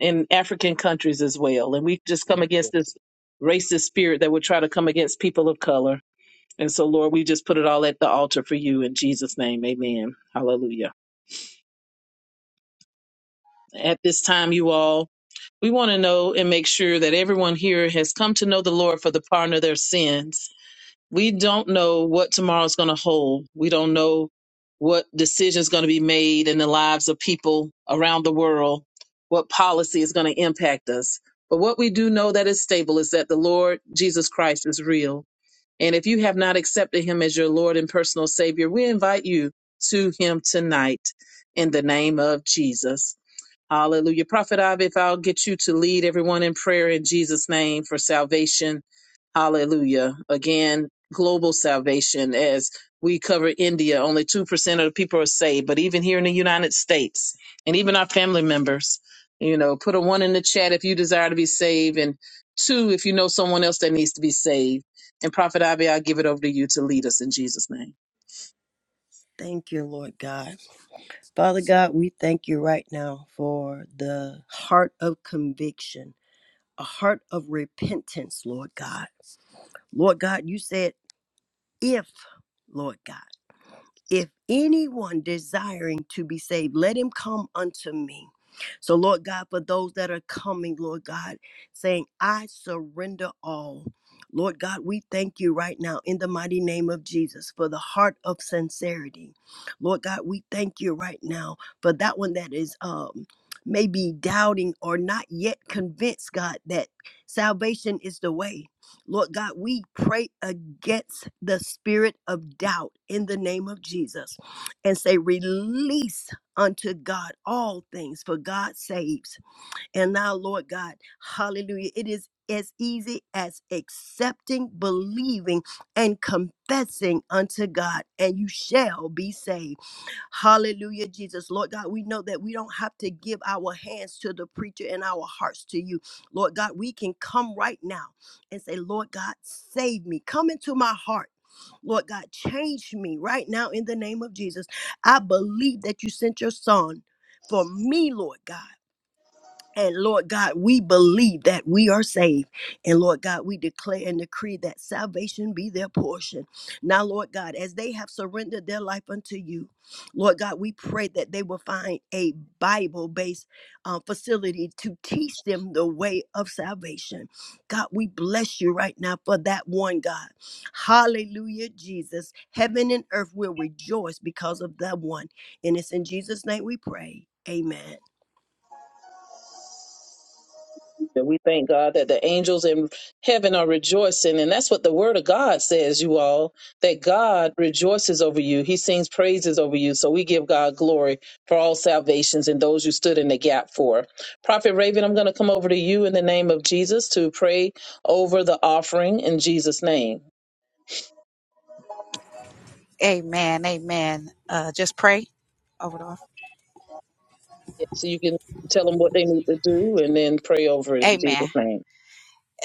and African countries as well. And we just come against this racist spirit that would try to come against people of color. And so, Lord, we just put it all at the altar for you in Jesus' name. Amen. Hallelujah. At this time, you all, we want to know and make sure that everyone here has come to know the Lord for the pardon of their sins. We don't know what tomorrow's going to hold. We don't know what decisions going to be made in the lives of people around the world, what policy is going to impact us. But what we do know that is stable is that the Lord Jesus Christ is real And if you have not accepted him as your Lord and personal Savior, we invite you to him tonight in the name of Jesus. Hallelujah. Prophet Ivy, if I'll get you to lead everyone in prayer in Jesus' name for salvation Hallelujah. Again, global salvation as we cover India, only 2% of the people are saved, but even here in the United States and even our family members, you know, put a one in the chat if you desire to be saved and two if you know someone else that needs to be saved. And Prophet Abby, I'll give it over to you to lead us in Jesus' name. Thank you, Lord God. Father God, we thank you right now for the heart of conviction, a heart of repentance, Lord God. Lord God, you said, if, Lord God. If anyone desiring to be saved, let him come unto me. So, Lord God, for those that are coming, Lord God, saying, I surrender all. Lord God, we thank you right now in the mighty name of Jesus for the heart of sincerity. Lord God, we thank you right now for that one that is um maybe doubting or not yet convinced, God, that salvation is the way. Lord God, we pray against the spirit of doubt in the name of Jesus and say, Release unto God all things, for God saves. And now, Lord God, hallelujah, it is as easy as accepting, believing, and confessing unto God, and you shall be saved. Hallelujah, Jesus. Lord God, we know that we don't have to give our hands to the preacher and our hearts to you. Lord God, we can come right now and say, Lord God, save me. Come into my heart. Lord God, change me right now in the name of Jesus. I believe that you sent your son for me, Lord God. And Lord God, we believe that we are saved. And Lord God, we declare and decree that salvation be their portion. Now, Lord God, as they have surrendered their life unto you, Lord God, we pray that they will find a Bible based facility to teach them the way of salvation. God, we bless you right now for that one, God. Hallelujah, Jesus. Heaven and earth will rejoice because of that one. And it's in Jesus' name we pray. Amen. That we thank God that the angels in heaven are rejoicing. And that's what the word of God says, you all, that God rejoices over you. He sings praises over you. So we give God glory for all salvations and those you stood in the gap for. Prophet Raven, I'm going to come over to you in the name of Jesus to pray over the offering in Jesus' name. Amen. Amen. Uh, just pray over the offering. So you can tell them what they need to do and then pray over it in Amen. Jesus' name.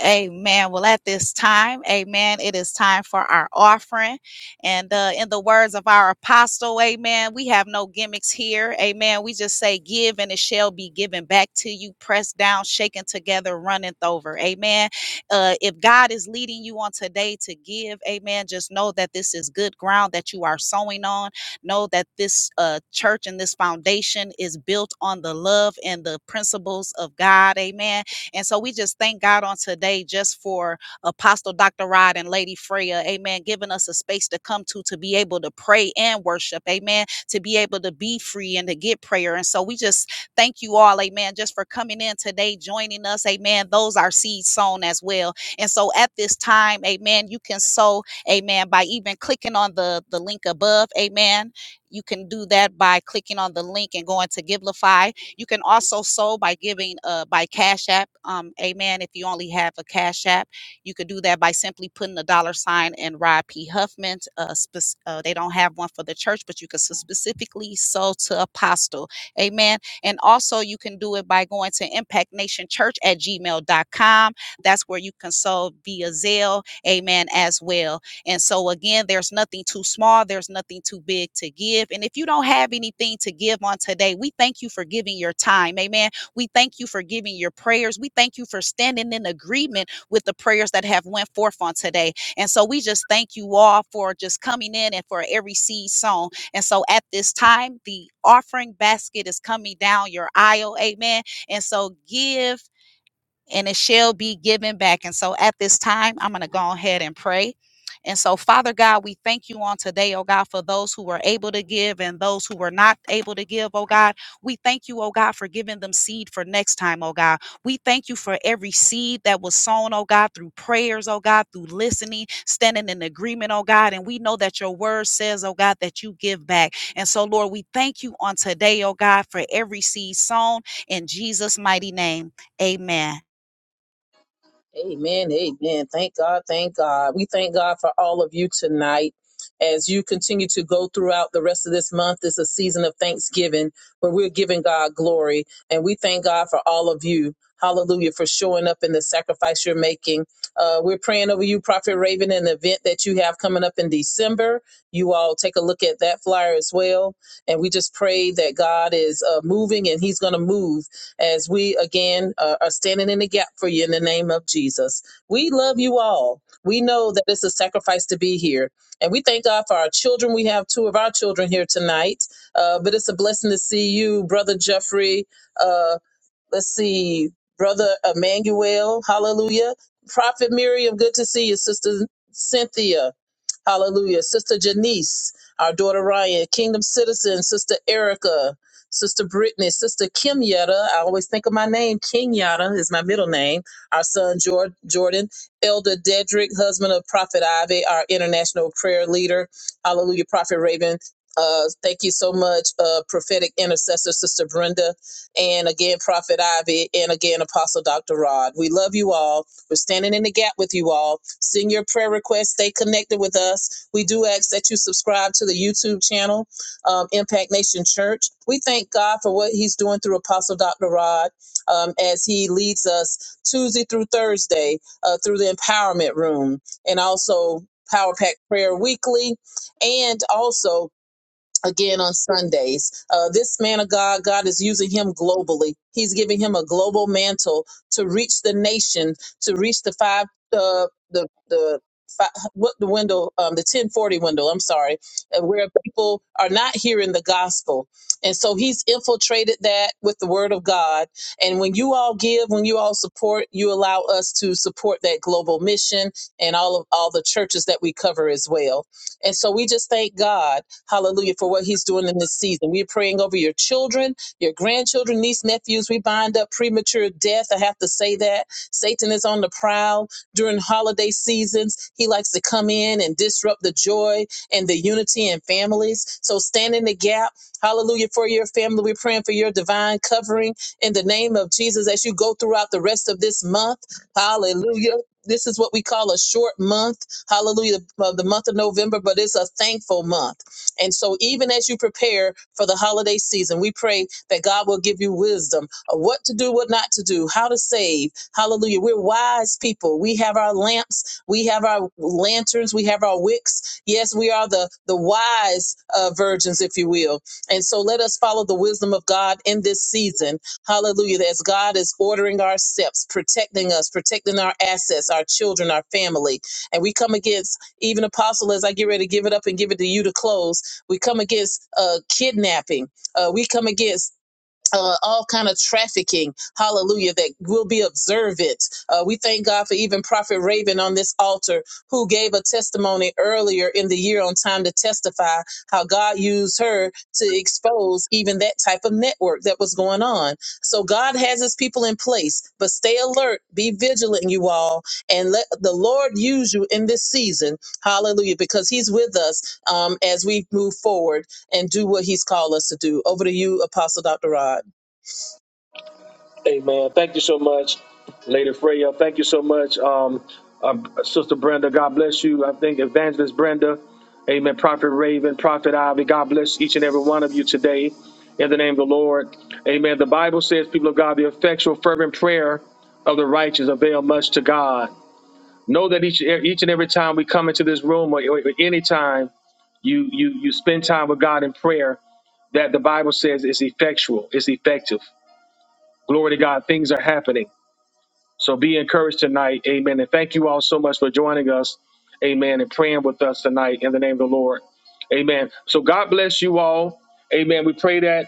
Amen. Well, at this time, amen, it is time for our offering. And uh, in the words of our apostle, amen, we have no gimmicks here. Amen. We just say, give and it shall be given back to you, pressed down, shaken together, running over. Amen. Uh, if God is leading you on today to give, amen, just know that this is good ground that you are sowing on. Know that this uh, church and this foundation is built on the love and the principles of God. Amen and so we just thank God on today just for Apostle Dr. Rod and Lady Freya, amen, giving us a space to come to to be able to pray and worship, amen, to be able to be free and to get prayer. And so we just thank you all, amen, just for coming in today, joining us, amen. Those are seeds sown as well. And so at this time, amen, you can sow, amen, by even clicking on the, the link above, amen. You can do that by clicking on the link and going to Givelify you can also sow by giving uh, by Cash App. Um, amen. If you only have a Cash App, you could do that by simply putting a dollar sign and Rod P. Huffman. Uh, spec- uh, they don't have one for the church, but you could s- specifically sow to Apostle. Amen. And also, you can do it by going to impactnationchurch at Gmail dot com. That's where you can sow via Zelle. Amen. As well and so, again, there's nothing too small, there's nothing too big to give. And if you don't have anything to give on today, we thank you for giving your time. Amen. We thank you for giving your prayers. We thank you for standing in agreement with the prayers that have went forth on today. And so we just thank you all for just coming in and for every seed sown. And so at this time, the offering basket is coming down your aisle. Amen. And so give and it shall be given back. And so at this time, I'm going to go ahead and pray. And so, Father God, we thank you on today, oh God, for those who were able to give and those who were not able to give, oh God. We thank you, oh God, for giving them seed for next time, oh God. We thank you for every seed that was sown, oh God, through prayers, oh God, through listening, standing in agreement, oh God. And we know that your word says, oh God, that you give back. And so, Lord, we thank you on today, oh God, for every seed sown in Jesus' mighty name. Amen. Amen. Amen. Thank God. Thank God. We thank God for all of you tonight. As you continue to go throughout the rest of this month, it's a season of thanksgiving where we're giving God glory. And we thank God for all of you. Hallelujah for showing up in the sacrifice you're making. Uh, we're praying over you, Prophet Raven, an event that you have coming up in December. You all take a look at that flyer as well. And we just pray that God is uh, moving and He's going to move as we again uh, are standing in the gap for you in the name of Jesus. We love you all. We know that it's a sacrifice to be here. And we thank God for our children. We have two of our children here tonight, uh, but it's a blessing to see you, Brother Jeffrey. uh, let's see, Brother Emmanuel, hallelujah. Prophet Miriam, good to see you. Sister Cynthia, hallelujah. Sister Janice, our daughter Ryan, Kingdom Citizen, Sister Erica, Sister Brittany, Sister Kim Yetta. I always think of my name. King Yetta is my middle name. Our son Jor- Jordan, Elder Dedrick, husband of Prophet Ivy, our international prayer leader. Hallelujah, Prophet Raven. Uh, thank you so much, uh, prophetic intercessor, Sister Brenda and again, Prophet Ivy, and again, Apostle Dr. Rod. We love you all. We're standing in the gap with you all. Send your prayer requests. Stay connected with us. We do ask that you subscribe to the YouTube channel, um, Impact Nation Church. We thank God for what He's doing through Apostle Dr. Rod um, as He leads us Tuesday through Thursday uh, through the Empowerment Room and also Power Pack Prayer Weekly and also again on Sundays. Uh, this man of God, God is using him globally. He's giving him a global mantle to reach the nation, to reach the five, uh, the the fi- what the window, um, the ten forty window. I'm sorry, uh, where people are not hearing the gospel, and so he's infiltrated that with the word of God. And when you all give, when you all support, you allow us to support that global mission and all of all the churches that we cover as well. And so we just thank God. Hallelujah, for what he's doing in this season. We're praying over your children, your grandchildren, niece, nephews. We bind up premature death. I have to say that. Satan is on the prowl during holiday seasons. He likes to come in and disrupt the joy and the unity in families. So stand in the gap. Hallelujah for your family. We're praying for your divine covering in the name of Jesus as you go throughout the rest of this month. Hallelujah. This is what we call a short month. Hallelujah. Of the month of November, but it's a thankful month. And so, even as you prepare for the holiday season, we pray that God will give you wisdom of what to do, what not to do, how to save. Hallelujah. We're wise people. We have our lamps, we have our lanterns, we have our wicks. Yes, we are the, the wise uh, virgins, if you will. And so, let us follow the wisdom of God in this season. Hallelujah. As God is ordering our steps, protecting us, protecting our assets, our children, our family. And we come against even apostle as I get ready to give it up and give it to you to close. We come against uh, kidnapping. Uh, we come against uh, all kind of trafficking hallelujah that will be observant uh, we thank god for even prophet raven on this altar who gave a testimony earlier in the year on time to testify how god used her to expose even that type of network that was going on so god has his people in place but stay alert be vigilant you all and let the lord use you in this season hallelujah because he's with us um, as we move forward and do what he's called us to do over to you apostle dr rod Amen. Thank you so much, Lady Freya. Thank you so much, um, uh, Sister Brenda. God bless you. I think Evangelist Brenda. Amen. Prophet Raven, Prophet Ivy. God bless each and every one of you today in the name of the Lord. Amen. The Bible says, people of God, the effectual, fervent prayer of the righteous avail much to God. Know that each each and every time we come into this room or, or any time you you you spend time with God in prayer, that the Bible says is effectual, is effective. Glory to God, things are happening. So be encouraged tonight. Amen. And thank you all so much for joining us. Amen. And praying with us tonight in the name of the Lord. Amen. So God bless you all. Amen. We pray that.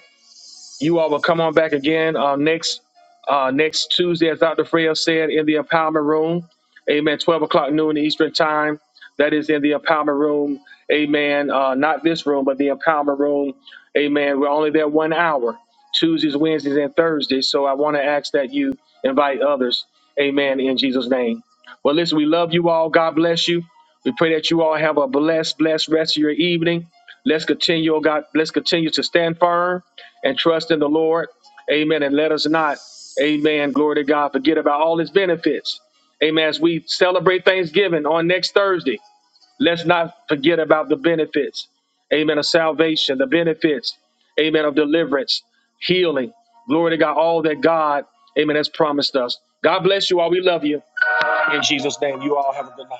You all will come on back again uh, next uh, next Tuesday, as Dr. Freya said, in the empowerment room. Amen. 12 o'clock noon Eastern time. That is in the empowerment room. Amen. Uh, not this room, but the empowerment room. Amen. We're only there one hour, Tuesdays, Wednesdays, and Thursdays. So I want to ask that you invite others. Amen. In Jesus' name. Well, listen, we love you all. God bless you. We pray that you all have a blessed, blessed rest of your evening. Let's continue, oh God. Let's continue to stand firm and trust in the Lord. Amen. And let us not, amen, glory to God, forget about all his benefits. Amen. As we celebrate Thanksgiving on next Thursday, let's not forget about the benefits. Amen. Of salvation, the benefits. Amen. Of deliverance, healing. Glory to God. All that God, amen, has promised us. God bless you all. We love you. In Jesus' name, you all have a good night.